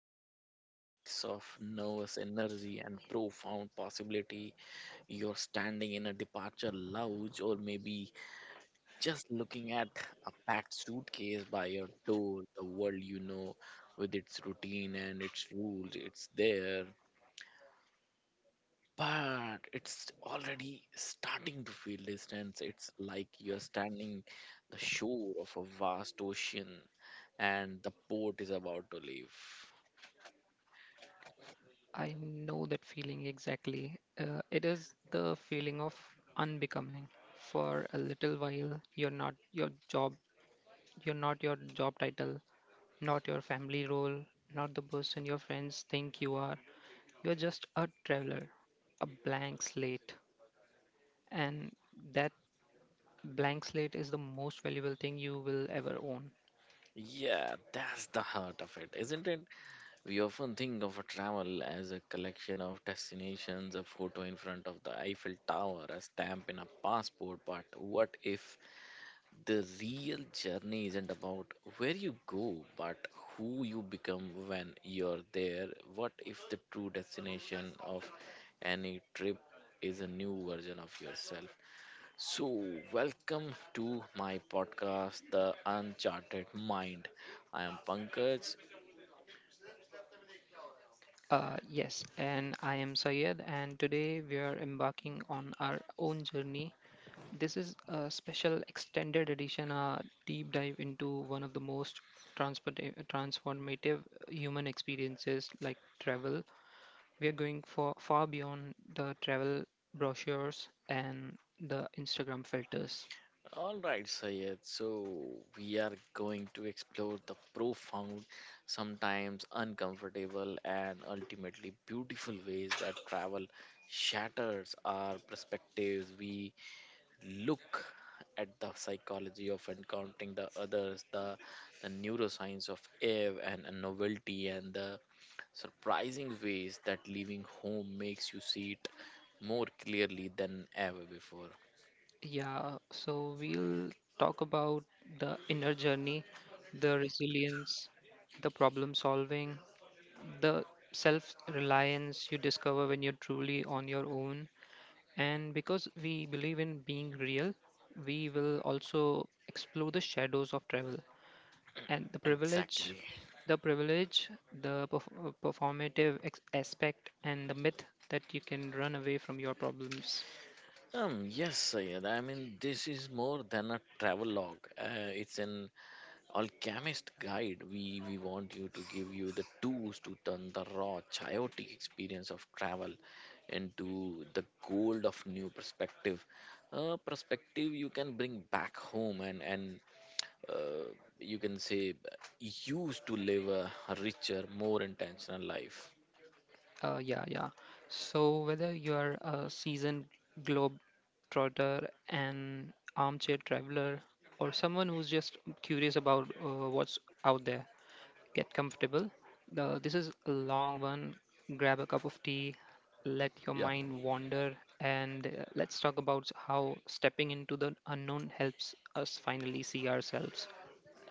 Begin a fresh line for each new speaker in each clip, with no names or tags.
trip. It's a mix of nervous energy and profound possibility. You're standing in a departure lounge, or maybe just looking at a packed suitcase by your door, the world you know with its routine and its rules. It's there, but it's already starting to feel distant. It's like you're standing the shore of a vast ocean and the boat is about to leave.
I know that feeling exactly. It is the feeling of unbecoming. For a little while, you're not your job, you're not your job title, not your family role, not the person your friends think you are. You're just a traveler, a blank slate. And that blank slate is the most valuable thing you will ever own.
Yeah, that's the heart of it, isn't it? We often think of a travel as a collection of destinations, a photo in front of the Eiffel Tower, a stamp in a passport, but what if the real journey isn't about where you go, but who you become when you're there? What if the true destination of any trip is a new version of yourself? So, welcome to my podcast, The Uncharted Mind. I am Pankaj.
Yes, and I am Sayed, and today we are embarking on our own journey. This is a special extended edition, a deep dive into one of the most transport- transformative human experiences like travel. We are going for far beyond the travel brochures and the Instagram filters.
Alright, Sayed. So, we are going to explore the profound, sometimes uncomfortable, and ultimately beautiful ways that travel shatters our perspectives. We look at the psychology of encountering the others, the neuroscience of awe and novelty, and the surprising ways that leaving home makes you see it more clearly than ever before.
Yeah, so we'll talk about the inner journey, the resilience, the problem solving, the self reliance you discover when you're truly on your own. And because we believe in being real, we will also explore the shadows of travel and the privilege,
Exactly.
the privilege, the performative aspect, and the myth that you can run away from your problems.
Yes, Sayed. I mean, this is more than a travelogue. It's an alchemist guide. We want you to give you the tools to turn the raw, chaotic experience of travel into the gold of new perspective. Perspective you can bring back home and uh, you can say used to live a richer more intentional life.
Yeah. So whether you are a seasoned globe trotter, an armchair traveler, or someone who's just curious about what's out there, get comfortable. This is a long one. Grab a cup of tea, let
Yeah,
your mind wander, and let's talk about how stepping into the unknown helps us finally see ourselves.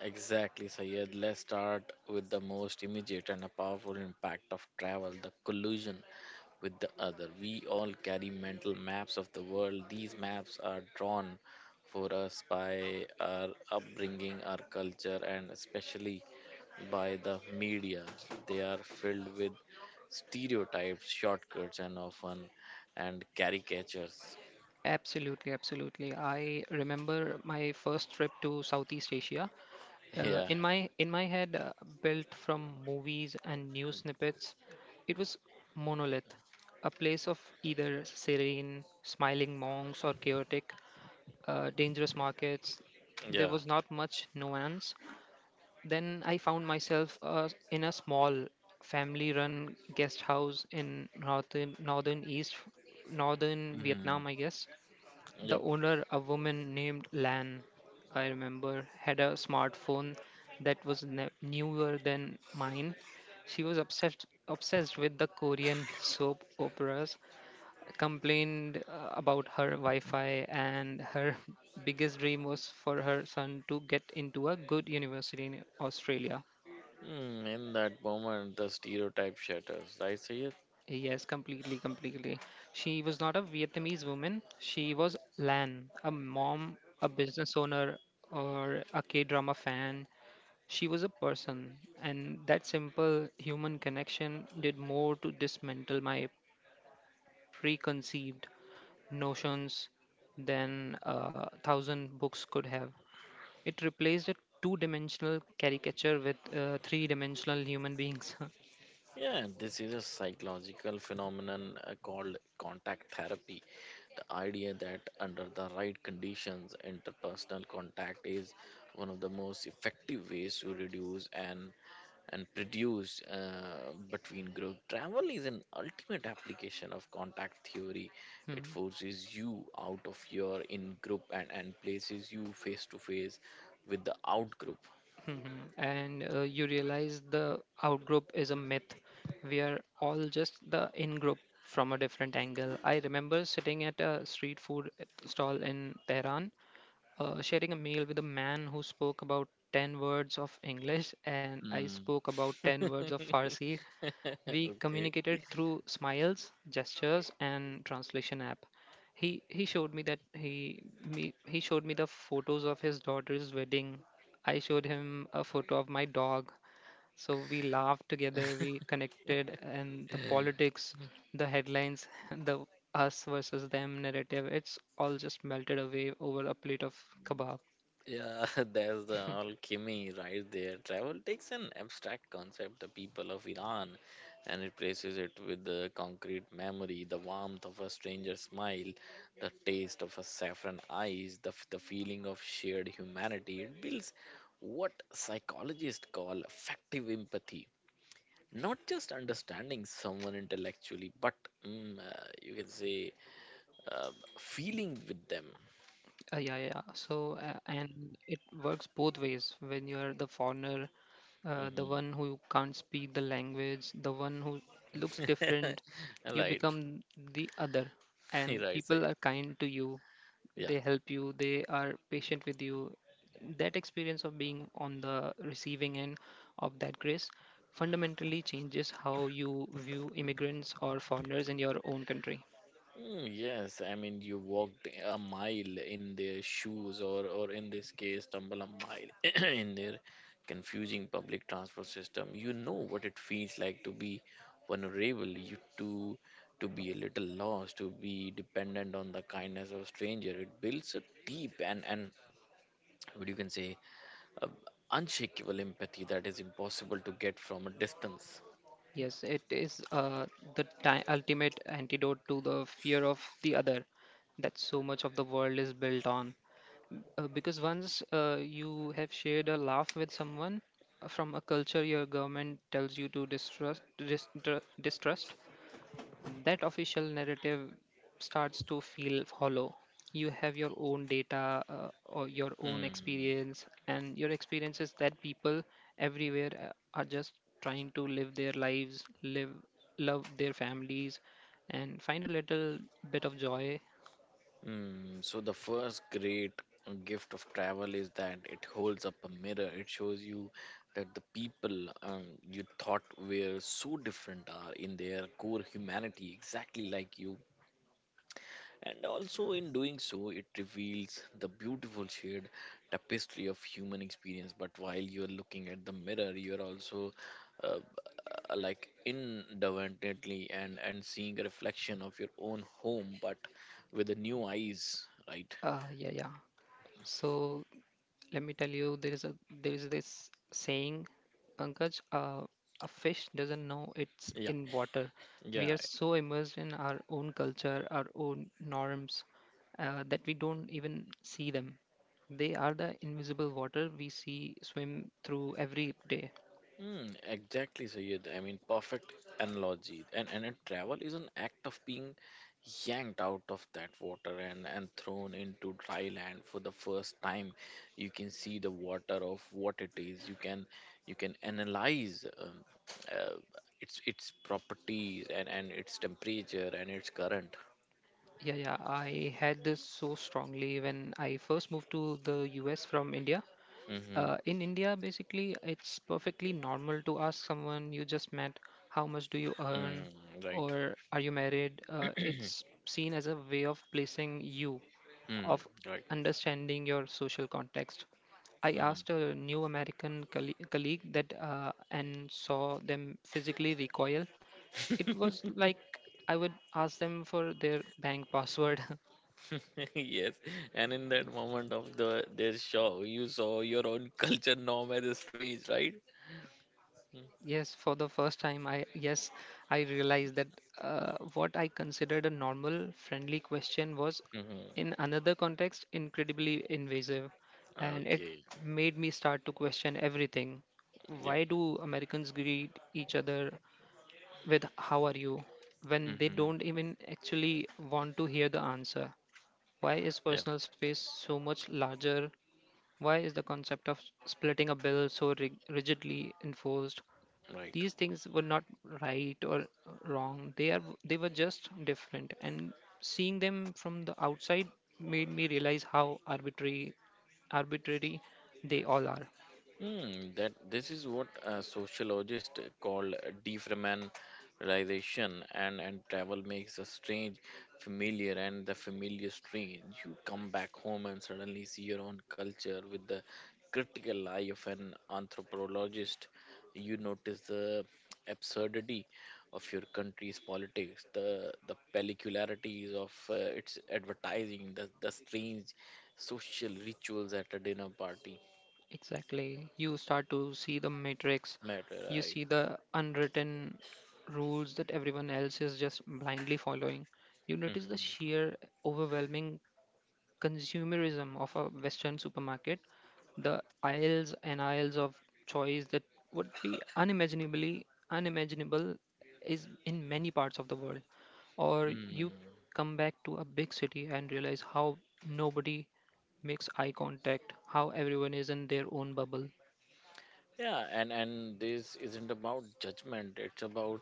exactly, Sayed. Let's start with the most immediate and a powerful impact of travel, the collusion with the other. We all carry mental maps of the world. These maps are drawn for us by our upbringing, our culture, and especially by the media. They are filled with stereotypes, shortcuts, and often and caricatures.
Absolutely, absolutely. I remember my first trip to Southeast Asia. Uh,
Yeah,
in my in my head, built from movies and news snippets, it was monolith, a place of either serene, smiling monks or chaotic dangerous markets. There
yeah.
was not much nuance. Then I found myself in a small family-run guest house in northern
Mm,
Vietnam, I guess. The
yep.
owner, a woman named Lan, I remember, had a smartphone that was newer than mine. She was obsessed with the Korean soap operas, complained about her Wi-Fi, and her biggest dream was for her son to get into a good university in Australia.
Mm, in that moment, the stereotype shatters, right, Sayed?
Yes, completely, completely. She was not a Vietnamese woman. She was Lan, a mom, a business owner, or a K-drama fan. She was a person, and that simple human connection did more to dismantle my preconceived notions than a thousand books could have. It replaced a two dimensional caricature with three dimensional human beings.
Yeah, this is a psychological phenomenon called contact therapy. Idea that under the right conditions, interpersonal contact is one of the most effective ways to reduce and produce between group. Travel is an ultimate application of contact theory. It
Hmm,
forces you out of your in group and places you face to face with the out group.
hmm, hmm. And you realize the outgroup is a myth. We are all just the in group from a different angle. I remember sitting at a street food stall in Tehran, sharing a meal with a man who spoke about 10 words of English, and I
Mm.
spoke about 10 words of Farsi. We
Okay.
communicated through smiles, gestures, and translation app. He showed me the photos of his daughter's wedding. I showed him a photo of my dog. So we laughed together, we connected, and the politics, the headlines, the us versus them narrative, it's all just melted away over a plate of kebab.
Yeah, there's the alchemy right there. Travel takes an abstract concept, the people of Iran, and replaces it with the concrete memory, the warmth of a stranger's smile, the taste of a saffron ice, the feeling of shared humanity. It builds what psychologists call affective empathy. Not just understanding someone intellectually, but you can say uh, feeling with them.
Yeah. So, and it works both ways. When you are the foreigner, the
Mhm.
one who can't speak the language, the one who looks different, you
Right.
become the other. And
Right, so
people
yes.
are kind to you.
Yeah.
They help you. They are patient with you. That experience of being on the receiving end of that grace fundamentally changes how you view immigrants or foreigners in your own country.
Mm, yes, I mean, you walked a mile in their shoes, or in this case stumble a mile in their confusing public transport system. You know what it feels like to be vulnerable, you to be a little lost, to be dependent on the kindness of a stranger. It builds a deep and what you can say uh, unshakable empathy that is impossible to get from a distance.
Yes, it is the ultimate antidote to the fear of the other that so much of the world is built on. Because once you have shared a laugh with someone from a culture your government tells you to distrust, that official narrative starts to feel hollow. You have your own data or your own
Mm.
experience, and your experience is that people everywhere are just trying to live their lives, live, love their families, and find a little bit of joy.
Mm, so the first great gift of travel is that it holds up a mirror. It shows you that the people you thought were so different are in their core humanity exactly like you. And also in doing so, it reveals the beautiful shared tapestry of human experience. But while you're looking at the mirror, you're also uh, like independently and seeing a reflection of your own home, but with the new eyes, right?
Yeah. So let me tell you, there is this saying, Pankaj, a fish doesn't know it's
Yeah,
in water. We
yeah.
are so immersed in our own culture, our own norms, that we don't even see them. They are the invisible water we see swim through every day.
Mm, exactly, Sayed. I mean, perfect analogy. And a travel is an act of being yanked out of that water and thrown into dry land for the first time. You can see the water of what it is. You can analyze uh, its properties and its temperature and its current.
Yeah, yeah. I had this so strongly when I first moved to the US from India.
Mm-hmm.
In India, basically, it's perfectly normal to ask someone you just met, how much do you earn,
Mm, right.
or are you married? It's seen as a way of placing you,
Mm,
of
right.
understanding your social context. I
Mm-hmm.
asked a new American colleague that and saw them physically recoil. It was like I would ask them for their bank password.
Yes, and in that moment of their show, you saw your own culture norm as strange, right?
Yes, for the first time, I realized that what I considered a normal, friendly question was,
Mhm.
in another context, incredibly invasive, and it
Okay.
made me start to question everything.
Yep.
Why do Americans greet each other with "How are you" when they
Mhm.
don't even actually want to hear the answer? Why is
Yeah,
personal space so much larger? Why is the concept of splitting a bill so rigidly enforced?
right.
These things were not right or wrong, they were just different, and seeing them from the outside made me realize how arbitrary they all are.
Hmm, that this is what a sociologist called defamiliarization, and travel makes the strange familiar and the familiar strange. You come back home and suddenly see your own culture with the critical eye of an anthropologist. You notice the absurdity of your country's politics, the peculiarities of its advertising, the strange social rituals at a dinner party
Exactly, you start to see the matrix.
matter,
You
right?
see the unwritten rules that everyone else is just blindly following. You notice the
Mm-hmm.
sheer overwhelming consumerism of a Western supermarket, the aisles and aisles of choice that would be unimaginably unimaginable is in many parts of the world. Or you
Mm.
come back to a big city and realize how nobody makes eye contact, how everyone is in their own bubble.
Yeah, and this isn't about judgment. It's about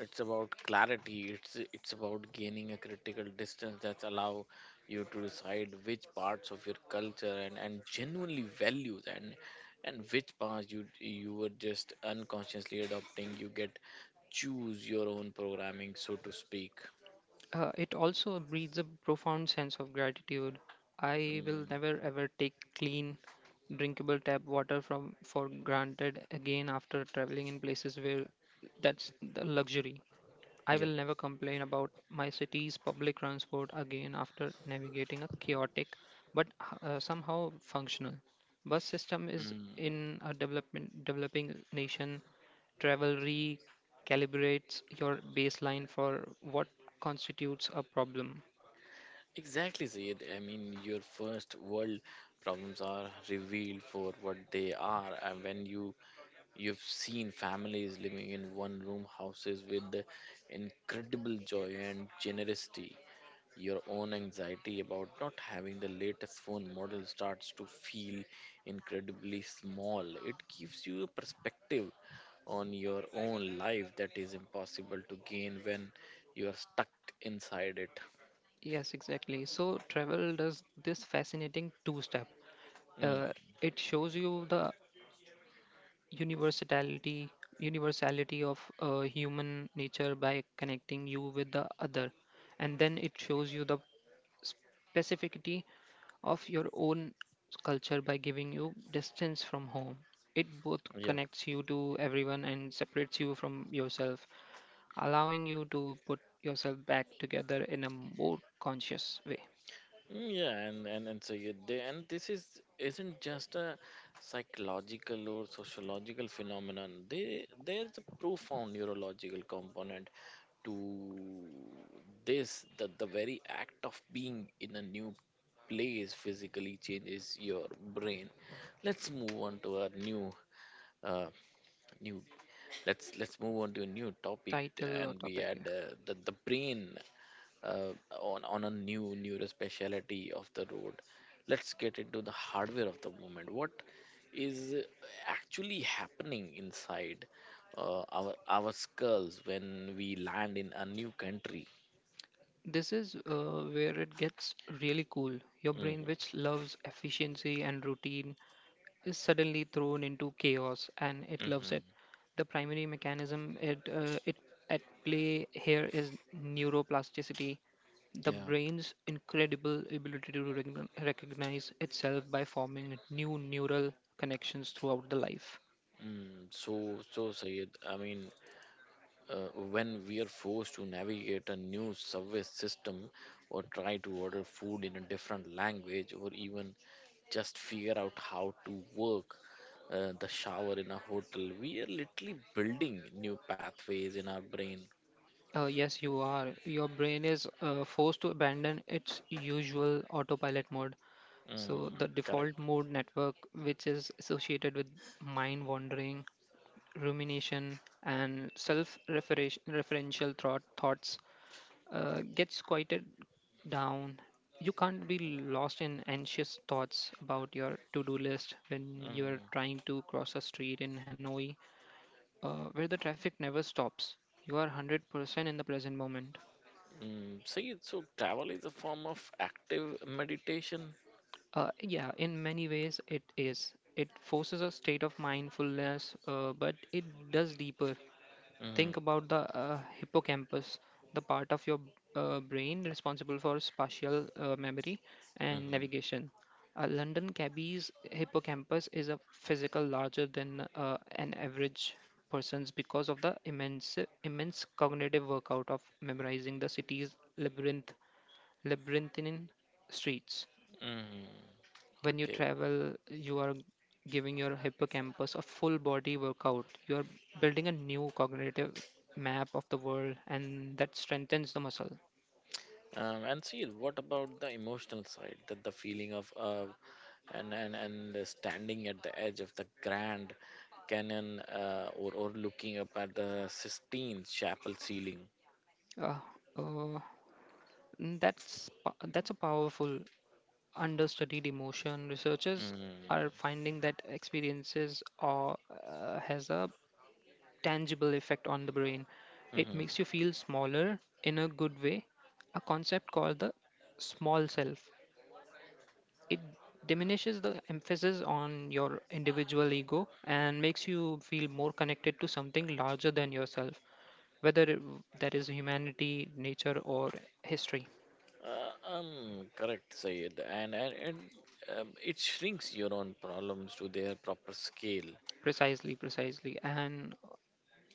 it's about clarity. It's about gaining a critical distance that allow you to decide which parts of your culture and genuinely values and which parts you were just unconsciously adopting. You get choose your own programming, so to speak.
It also breeds a profound sense of gratitude. I will
Mm.
never ever take clean, drinkable tap water from for granted again after traveling in places where that's the luxury. I
Yep.
will never complain about my city's public transport again after navigating a chaotic but somehow functional bus system is
Mm.
in a development developing nation. Travel recalibrates your baseline for what constitutes a problem.
Exactly, Zaid. I mean, your first world problems are revealed for what they are, and when you've seen families living in one-room houses with the incredible joy and generosity, your own anxiety about not having the latest phone model starts to feel incredibly small. It gives you a perspective on your own life that is impossible to gain when you are stuck inside it.
Yes, exactly. So travel does this fascinating two step.
Mm,
Uh, it shows you the universality of human nature by connecting you with the other, and then it shows you the specificity of your own culture by giving you distance from home. It both
yeah.
connects you to everyone and separates you from yourself, allowing you to put yourself back together in a more conscious way.
Mm, yeah, and so and this is isn't just a psychological or sociological phenomenon. They there's a profound neurological component to this. That the very act of being in a new place physically changes your brain. Let's move on to a new uh, new let's move on to a new topic.
Title or
And we
topic,
had
yeah.
the brain uh, on a new neuro speciality of the road. Let's get into the hardware of the moment. What is actually happening inside our skulls when we land in a new country?
This is where it gets really cool. Your brain,
Hmm.
which loves efficiency and routine, is suddenly thrown into chaos, and it loves it.
Hmm.
The primary mechanism it at play here is neuroplasticity, the
Yeah.
brain's incredible ability to recognize itself by forming new neural connections throughout the life.
Mm. So, Sayed, I mean, when we are forced to navigate a new subway system or try to order food in a different language or even just figure out how to work the shower in a hotel, we are literally building new pathways in our brain.
Yes, you are. Your brain is forced to abandon its usual autopilot mode. So the
Mm. Correct.
default mode network, which is associated with mind wandering, rumination, and self-referential thoughts, gets quieted down. You can't be lost in anxious thoughts about your to-do list when you are
Mm.
trying to cross a street in Hanoi, where the traffic never stops. You are 100% in the present moment.
Mm. See, so travel is a form of active meditation.
Yeah, in many ways it is. It forces a state of mindfulness, but it does deeper. Think
Mm.
about the hippocampus, the part of your brain responsible for spatial memory and
Mm.
navigation. A London cabbie's hippocampus is a physical larger than an average person's because of the immense cognitive workout of memorizing the city's labyrinthine streets.
Mm.
When you
Okay.
travel you are giving your hippocampus a full body workout. You are building a new cognitive map of the world, and that strengthens the muscle.
And see what about the emotional side, that the feeling of and standing at the edge of the Grand Canyon or looking up at the Sistine Chapel ceiling.
Uh, uh, mm, that's po- that's a powerful understudied emotion. Researchers
Mm.
are finding that experiences or has a tangible effect on the brain. It makes you
Mm-hmm.
feel smaller in a good way, a concept called the small self. It diminishes the emphasis on your individual ego and makes you feel more connected to something larger than yourself, whether that is humanity, nature, or history.
Correct, Sayed. And it shrinks your own problems to their proper scale.
Precisely, precisely. And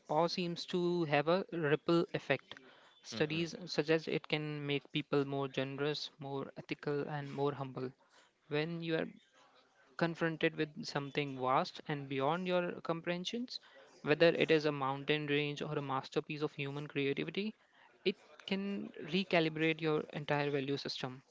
awe seems to have a ripple effect.
Hmm.
Studies suggest it can make people more generous, more ethical, and more humble. When you are confronted with something vast and beyond your comprehensions, whether it is a mountain range or a masterpiece of human creativity, it can recalibrate your entire value system.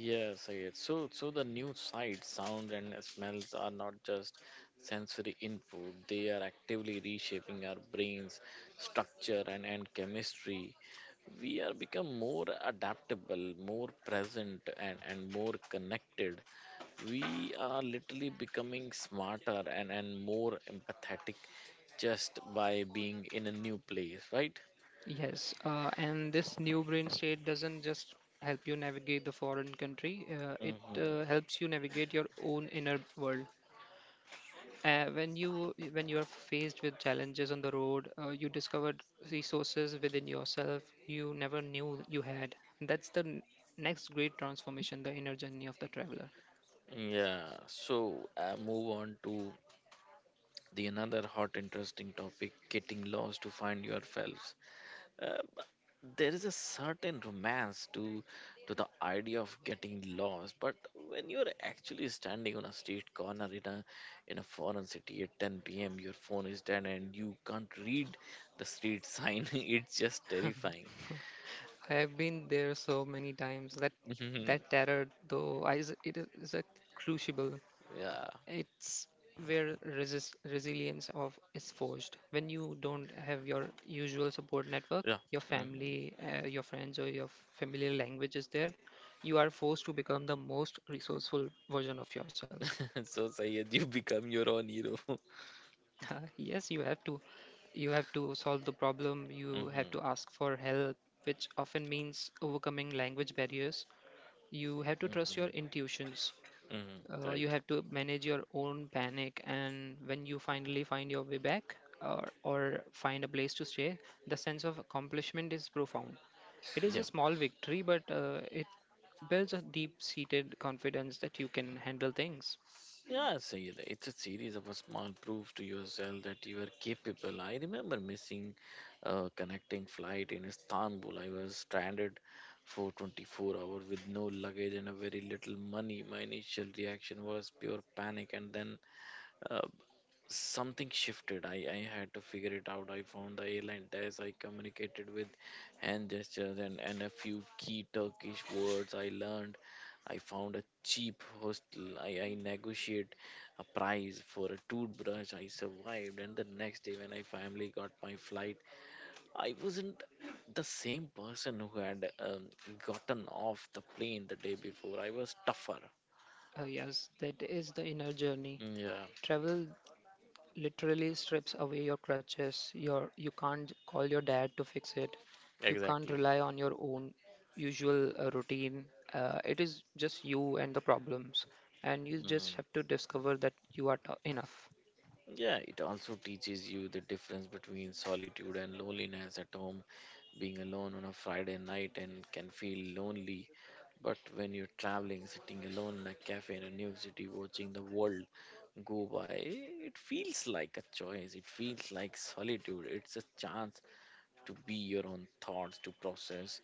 Yes, yes. So, so the new sights, sounds, and smells are not just sensory input. They are actively reshaping our brains, structure, and chemistry. We are become more adaptable, more present, and more connected. We are literally becoming smarter and more empathetic just by being in a new place, right?
Yes, and this new brain state doesn't just help you navigate the foreign country, it
Hmm.
helps you navigate your own inner world. When you are faced with challenges on the road, you discovered resources within yourself you never knew you had. That's the next great transformation, the inner journey of the traveler.
Yeah, so move on to the another hot interesting topic, getting lost to find yourselves. uh, there is a certain romance to the idea of getting lost, but when you're actually standing on a street corner in a foreign city at 10 p.m., your phone is dead and you can't read the street sign, it's just terrifying.
I have been there so many times that
Mhm.
that terror, though, it is a crucible.
Yeah,
It's where resilience of is forged. When you don't have your usual support network,
yeah.
your family, your friends, or your familiar language is there, you are forced to become the most resourceful version of yourself.
Hmm. So, Sayed, you become your own hero.
Yes, you have to. You have to solve the problem. You have
Hmm.
to ask for help, which often means overcoming language barriers. You have to trust your
Hmm.
intuitions.
Hmm.
You
Right.
have to manage your own panic, and when you finally find your way back or find a place to stay, the sense of accomplishment is profound. It is
Yeah.
a small victory, but it builds a deep seated confidence that you can handle things.
Yeah, Sayed, it's a series of a small proofs to yourself that you are capable. I remember missing a connecting flight in Istanbul. I was stranded for 24 hours with no luggage and a very little money. My initial reaction was pure panic, and then uh, something shifted. I had to figure it out. I found the airline desk. I communicated with hand gestures and a few key Turkish words I learned. I found a cheap hostel. I negotiated a price for a toothbrush. I survived, and the next day when I finally got my flight, I wasn't the same person who had gotten off the plane the day before. I was tougher.
Yes, that is the inner journey.
Yeah,
Travel literally strips away your crutches. You can't call your dad to fix it. You can't
exactly.
rely on your own usual routine. It is just you and the problems, and you just
Mm.
have to discover that you are enough.
Yeah, it also teaches you the difference between solitude and loneliness at home. Being alone on a Friday night and can feel lonely, but when you're traveling, sitting alone in a cafe in a new city, watching the world go by, it feels like a choice. It feels like solitude. It's a chance to be your own thoughts, to process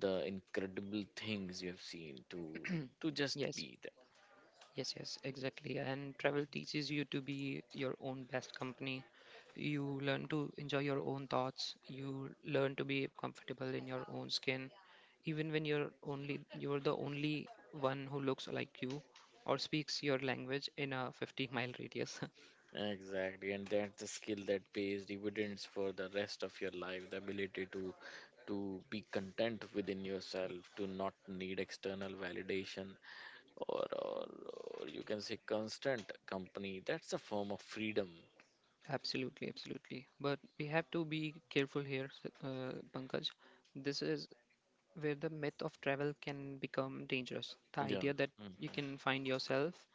the incredible things you have seen, to just
Yes,
be there.
Yes, yes, exactly. And travel teaches you to be your own best company. You learn to enjoy your own thoughts. You learn to be comfortable in your own skin. Even when you're the only one who looks like you or speaks your language in a 50-mile radius.
Exactly, and that's the skill that pays dividends for the rest of your life. The ability to be content within yourself, to not need external validation or or, or you can say constant company. That's a form of freedom.
Absolutely, absolutely. But we have to be careful here, Pankaj. This is where the myth of travel can become dangerous. The
Yeah.
idea that
Mhm.
you can find yourself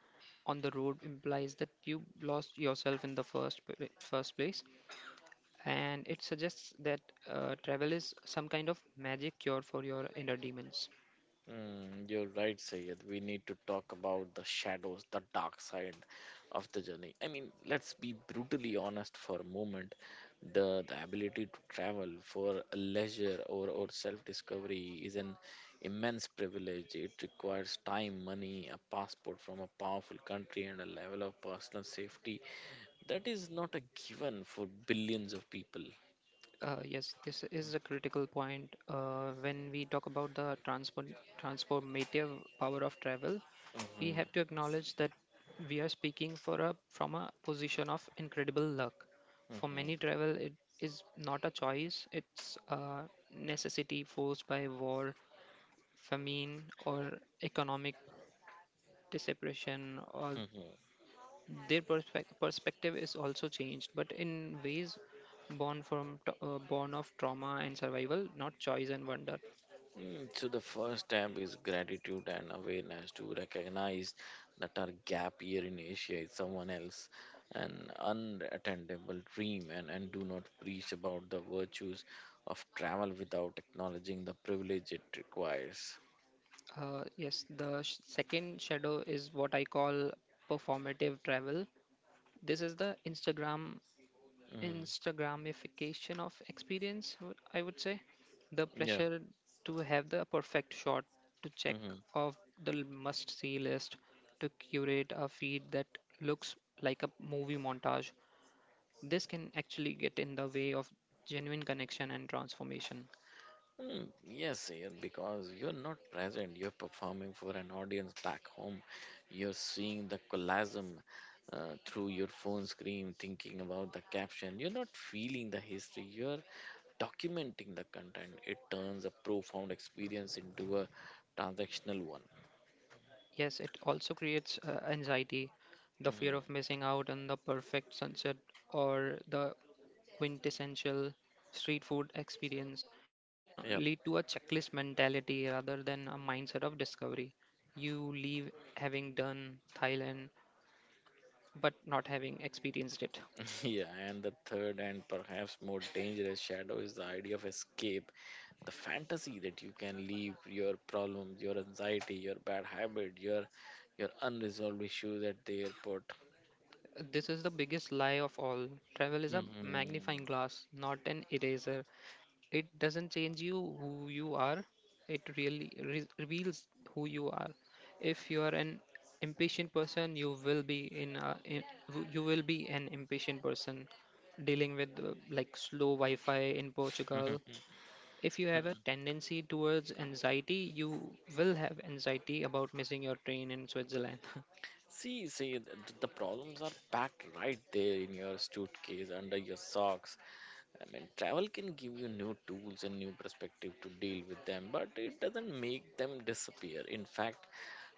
on the road implies that you lost yourself in the first place, and it suggests that travel is some kind of magic cure for your inner demons.
Mm, you're right, Sayed. We need to talk about the shadows, the dark side of the journey. I mean, let's be brutally honest for a moment. The ability to travel for a leisure or self-discovery is an immense privilege. It requires time, money, a passport from a powerful country, and a level of personal safety that is not a given for billions of people.
Yes, this is a critical point when we talk about the transformative power of travel. We
hmm
have to acknowledge that we are speaking from a position of incredible luck. For
hmm
many, travel it is not a choice, it's a necessity forced by war, famine, or economic depression, or
hmm
their perspective is also changed, but in ways born of trauma and survival, not choice and wonder.
So the first step is gratitude and awareness to recognize that our gap year in Asia is someone else, an unattainable dream, and do not preach about the virtues of travel without acknowledging the privilege it requires.
Yes, the second shadow is what I call performative travel. This is the
Mm,
Instagramification of experience, I would say. The
yeah.
pressure to have the perfect shot, to check
Hmm,
off the must see list, to curate a feed that looks like a movie montage. This can actually get in the way of genuine connection and transformation.
Hmm, yes, Sayed, because you're not present. You're performing for an audience back home. You're seeing the colasm through your phone screen, thinking about the caption. You're not feeling the history. You're documenting the content. It turns a profound experience into a transactional one.
Yes, it also creates anxiety, the fear of
Hmm.
missing out on the perfect sunset or the quintessential street food experience. It can
Yep.
lead to a checklist mentality rather than a mindset of discovery. You leave having done Thailand, but not having experienced it.
Yeah, and the third and perhaps more dangerous shadow is the idea of escape. The fantasy that you can leave your problems, your anxiety, your bad habit, your unresolved issues at the airport.
This is the biggest lie of all. Travel is a
Mhm.
magnifying glass, not an eraser. It doesn't change you who you are, it really reveals who you are. If you are an impatient person, you will be an impatient person dealing with like slow Wi-Fi in Portugal. If you have a tendency towards anxiety, you will have anxiety about missing your train in Switzerland.
The problems are packed right there in your suitcase, under your socks. I mean, travel can give you new tools and new perspective to deal with them, but it doesn't make them disappear. In fact,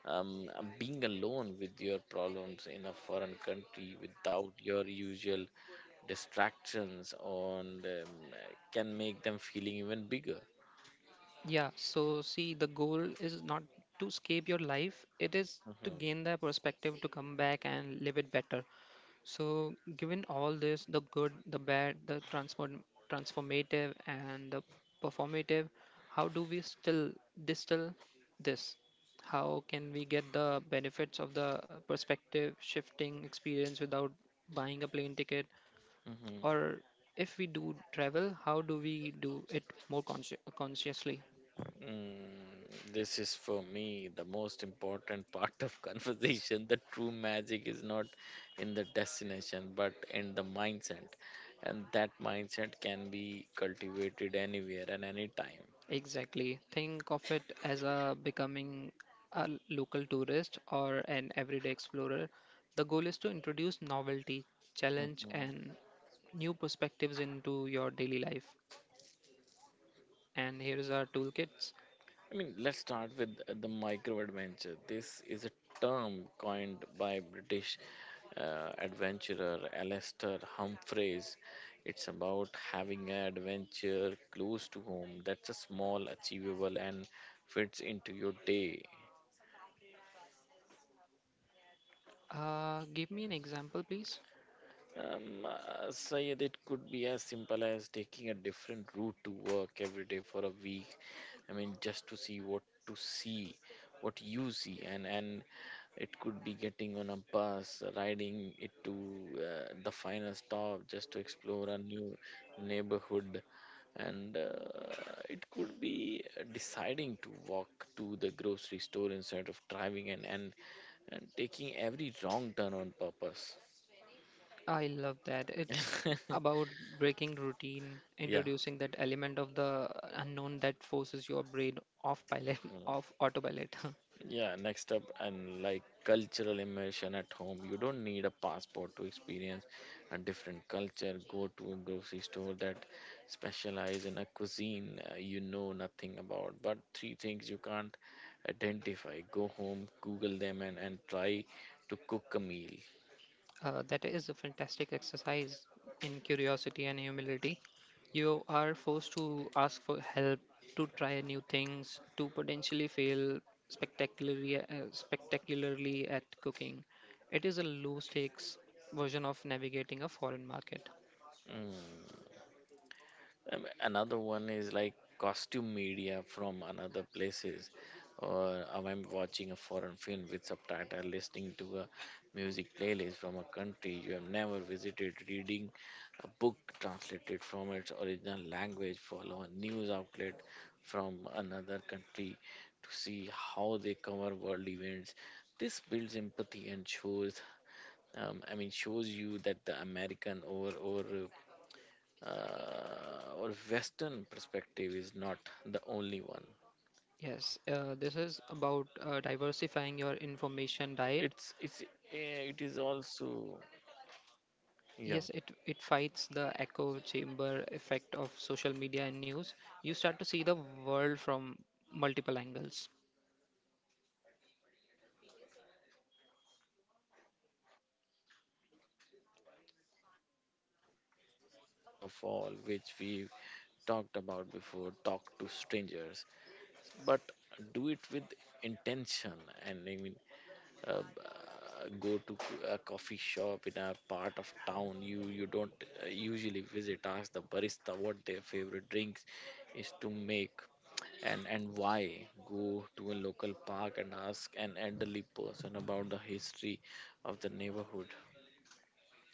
um, being alone with your problems in a foreign country without your usual distractions and can make them feeling even bigger.
Yeah, so see, the goal is not to escape your life, it is to
Mhm,
gain the perspective to come back and live it better. So, given all this, the good, the bad, the transformative, and the performative, how do we still distill this? How can we get the benefits of the perspective shifting experience without buying a plane ticket?
mhm.
Or if we do travel, how do we do it more consciously?
This is for me the most important part of conversation. The true magic is not in the destination but in the mindset, and that mindset can be cultivated anywhere and anytime.
Exactly. Think of it as a becoming a local tourist or an everyday explorer. The goal is to introduce novelty, challenge, and new perspectives into your daily life. And here's our toolkits.
I mean, let's start with the micro adventure. This is a term coined by British adventurer Alastair Humphreys. It's about having an adventure close to home that's a small, achievable, and fits into your day.
Give me an example, please.
Sayed, it could be as simple as taking a different route to work every day for a week. I mean, just to see, what you see, and it could be getting on a bus, riding it to the final stop, just to explore a new neighborhood, and it could be deciding to walk to the grocery store instead of driving and taking every wrong turn on purpose.
I love that. It's about breaking routine,
yeah.
introducing that element of the unknown that forces your brain off pilot,
Mm.
off autopilot.
Yeah, next up, and like cultural immersion at home, you don't need a passport to experience a different culture. Go to a grocery store that specialize in a cuisine you know nothing about, but three things you can't identify. Go home, Google them, and try to cook a meal.
That is a fantastic exercise in curiosity and humility. You are forced to ask for help, to try new things, to potentially fail spectacularly at cooking. It is a low stakes version of navigating a foreign market.
Mm. Another one is like costume media from another places or I'm watching a foreign film with subtitle, listening to a music playlist from a country you have never visited, reading a book translated from its original language, follow a news outlet from another country to see how they cover world events. This builds empathy and shows I mean shows you that the american or western perspective is not the only one.
Yes, this is about diversifying your information diet.
It's eh, it is also yeah
Yes, it fights the echo chamber effect of social media and news. You start to see the world from multiple angles.
Yeah, and the most powerful tool of all, which we talked about before, talk to strangers, but do it with intention. And I mean, uh, uh, go to a coffee shop in a part of town you don't usually visit, ask the barista what their favorite drinks is to make, and why, go to a local park and ask an elderly person about the history of the neighborhood.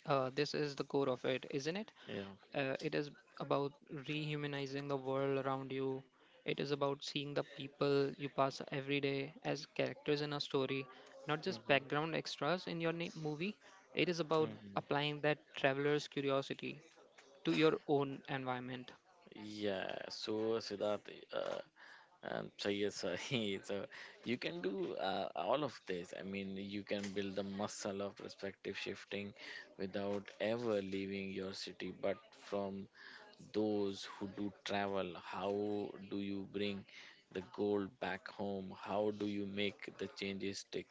This is the core of it, isn't it?
Yeah.
It is about rehumanizing the world around you. It is about seeing the people you pass every day as characters in a story, not just
hmm
background extras in your movie. It is about
hmm
applying that traveler's curiosity to your own environment.
yeah, so Siddharth, so yes, so, so you can do all of this. I mean, you can build the muscle of perspective shifting without ever leaving your city. But from those who do travel, how do you bring the gold back home? How do you make the changes stick?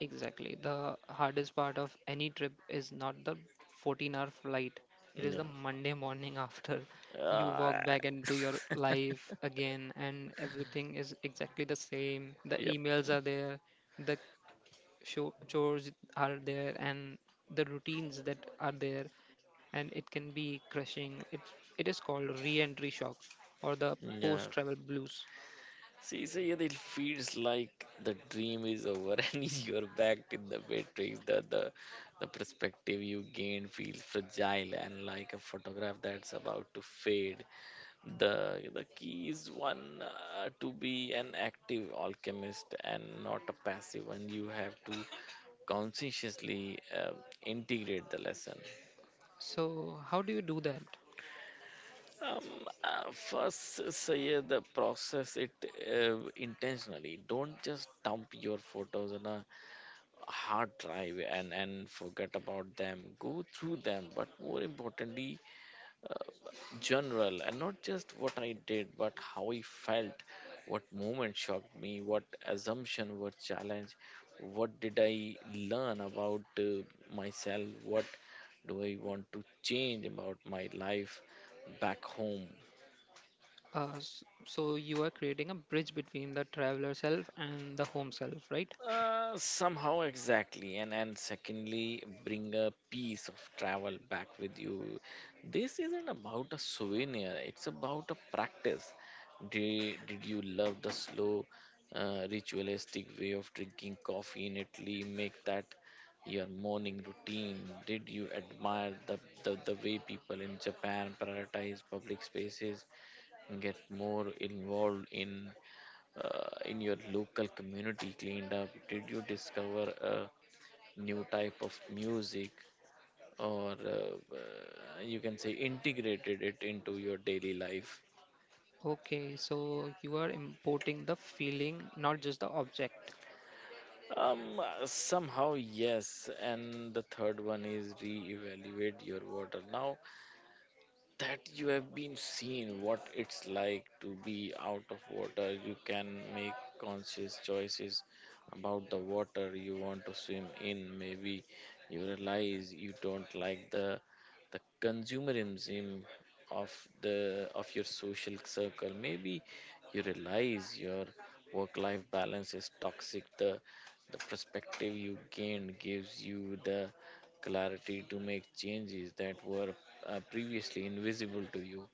Exactly. The hardest part of any trip is not the 14-hour flight, it is
Yeah.
the Monday morning after. You
Uh,
walk back into your life again, and everything is exactly the same. The
yep.
emails are there, the chores are there, and the routines that are there, and it can be crushing. It is called re entry shock or the post
Yeah.
travel blues.
See, so yeah, it feels like the dream is over and you're back in the matrix. The perspective you gain feels fragile and like a photograph that's about to fade. The key is one, to be an active alchemist and not a passive one. You have to consciously integrate the lesson.
So, how do you do that?
Um, First, say the process it intentionally. Don't just dump your photos on a hard drive and forget about them, go through them, but more importantly, uh, general and not just what I did but how I felt, what moment shocked me, what assumption were challenged, what did I learn about myself, what do I want to change about my life back home.
So you are creating a bridge between the traveler self and the home self, right?
Somehow exactly, and secondly, bring a piece of travel back with you. This isn't about a souvenir, it's about a practice. Did you love the slow ritualistic way of drinking coffee in Italy, make that your morning routine? Did you admire the way people in Japan prioritize public spaces and get more involved in your local community cleaned up? Did you discover a new type of music or you can say integrated it into your daily life?
Okay, so you are importing the feeling, not just the object.
Somehow, yes. And the third one is reevaluate your water. Now that you have been seen what it's like to be out of water, you can make conscious choices about the water you want to swim in. Maybe you realize you don't like the consumerism of the of your social circle. Maybe you realize your work life balance is toxic. The perspective you gain gives you the clarity to make changes that were previously invisible to you.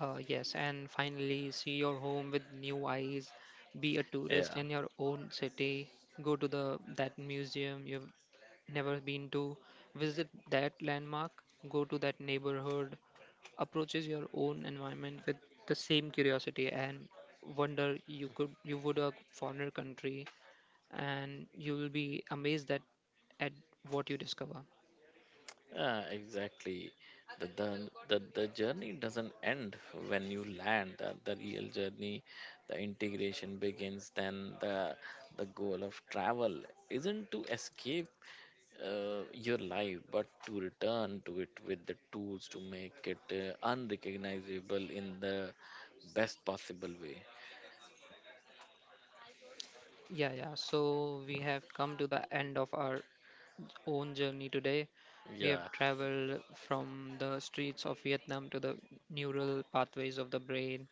Yes, and finally, see your home with new eyes. Be a tourist
Yeah,
in your own city. Go to the that museum you've never been to. Visit that landmark. Go to that neighborhood. Approaches your own environment with the same curiosity and wonder you would a foreigner country, and you will be amazed that at what you discover.
yeah, exactly. The journey doesn't end when you land. The real journey, the integration begins. Then the goal of travel isn't to escape your life, but to return to it with the tools to make it unrecognizable in the best possible way.
Yeah, yeah. So we have come to the end of our own journey today. We have
Yeah.
traveled from the streets of Vietnam to the neural pathways of the brain,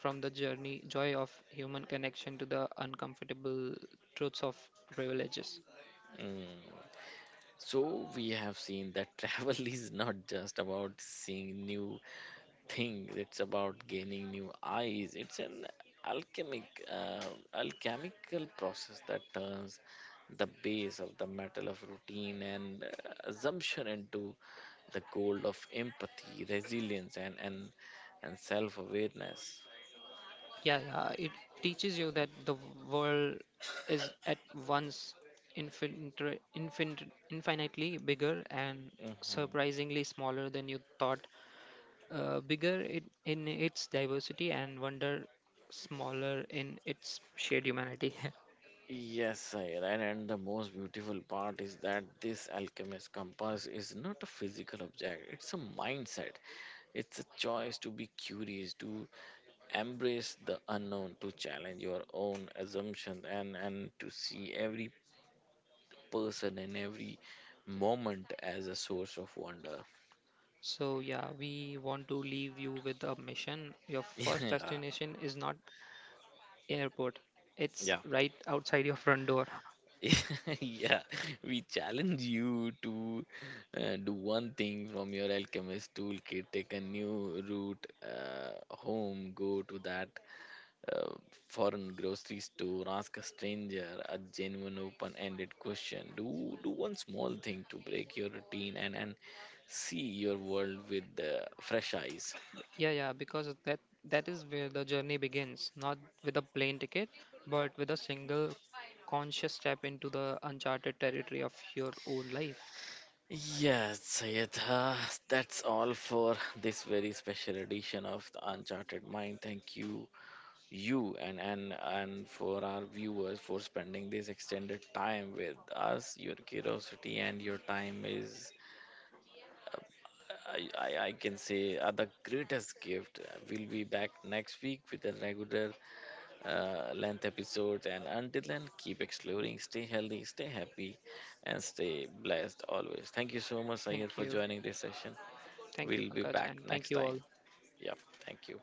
from the journey joy of human connection to the uncomfortable truths of privileges.
Mm. So we have seen that travel is not just about seeing new things, it's about gaining new eyes. It's an alchemical process that turns the base of the metal of routine and assumption into the gold of empathy, resilience and self-awareness.
Yeah, yeah. It teaches you that the world is at once infinitely bigger and
Mhm.
surprisingly smaller than you thought. Bigger in its diversity and wonder, smaller in its shared humanity.
Yes, I right. And the most beautiful part is that this alchemist compass is not a physical object, it's a mindset. It's a choice to be curious, to embrace the unknown, to challenge your own assumptions, and to see every person and every moment as a source of wonder.
So, yeah, we want to leave you with a mission. Your first
yeah,
destination is not airport. It's
yeah.
right outside your front door.
yeah, we challenge you to do one thing from your alchemist toolkit, take a new route home, go to that uh, foreign grocery store, ask a stranger a genuine open ended question. Do one small thing to break your routine and see your world with fresh eyes.
Yeah, yeah, because that is where the journey begins, not with a plane ticket, but with a single conscious step into the uncharted territory of your own life.
Yes, Sayedha, that's all for this very special edition of the Uncharted Mind. Thank you and for our viewers for spending this extended time with us. Your curiosity and your time is, I can say, are the greatest gift. We'll be back next week with a regular length episode, and until then, keep exploring, stay healthy, stay happy, and stay blessed always. Thank you so much, Sahir,
Thank
for
you.
joining this session.
Thank you,
We'll be
Pankaj,
back
and thank
next
you
time.
all.
Yep, thank you.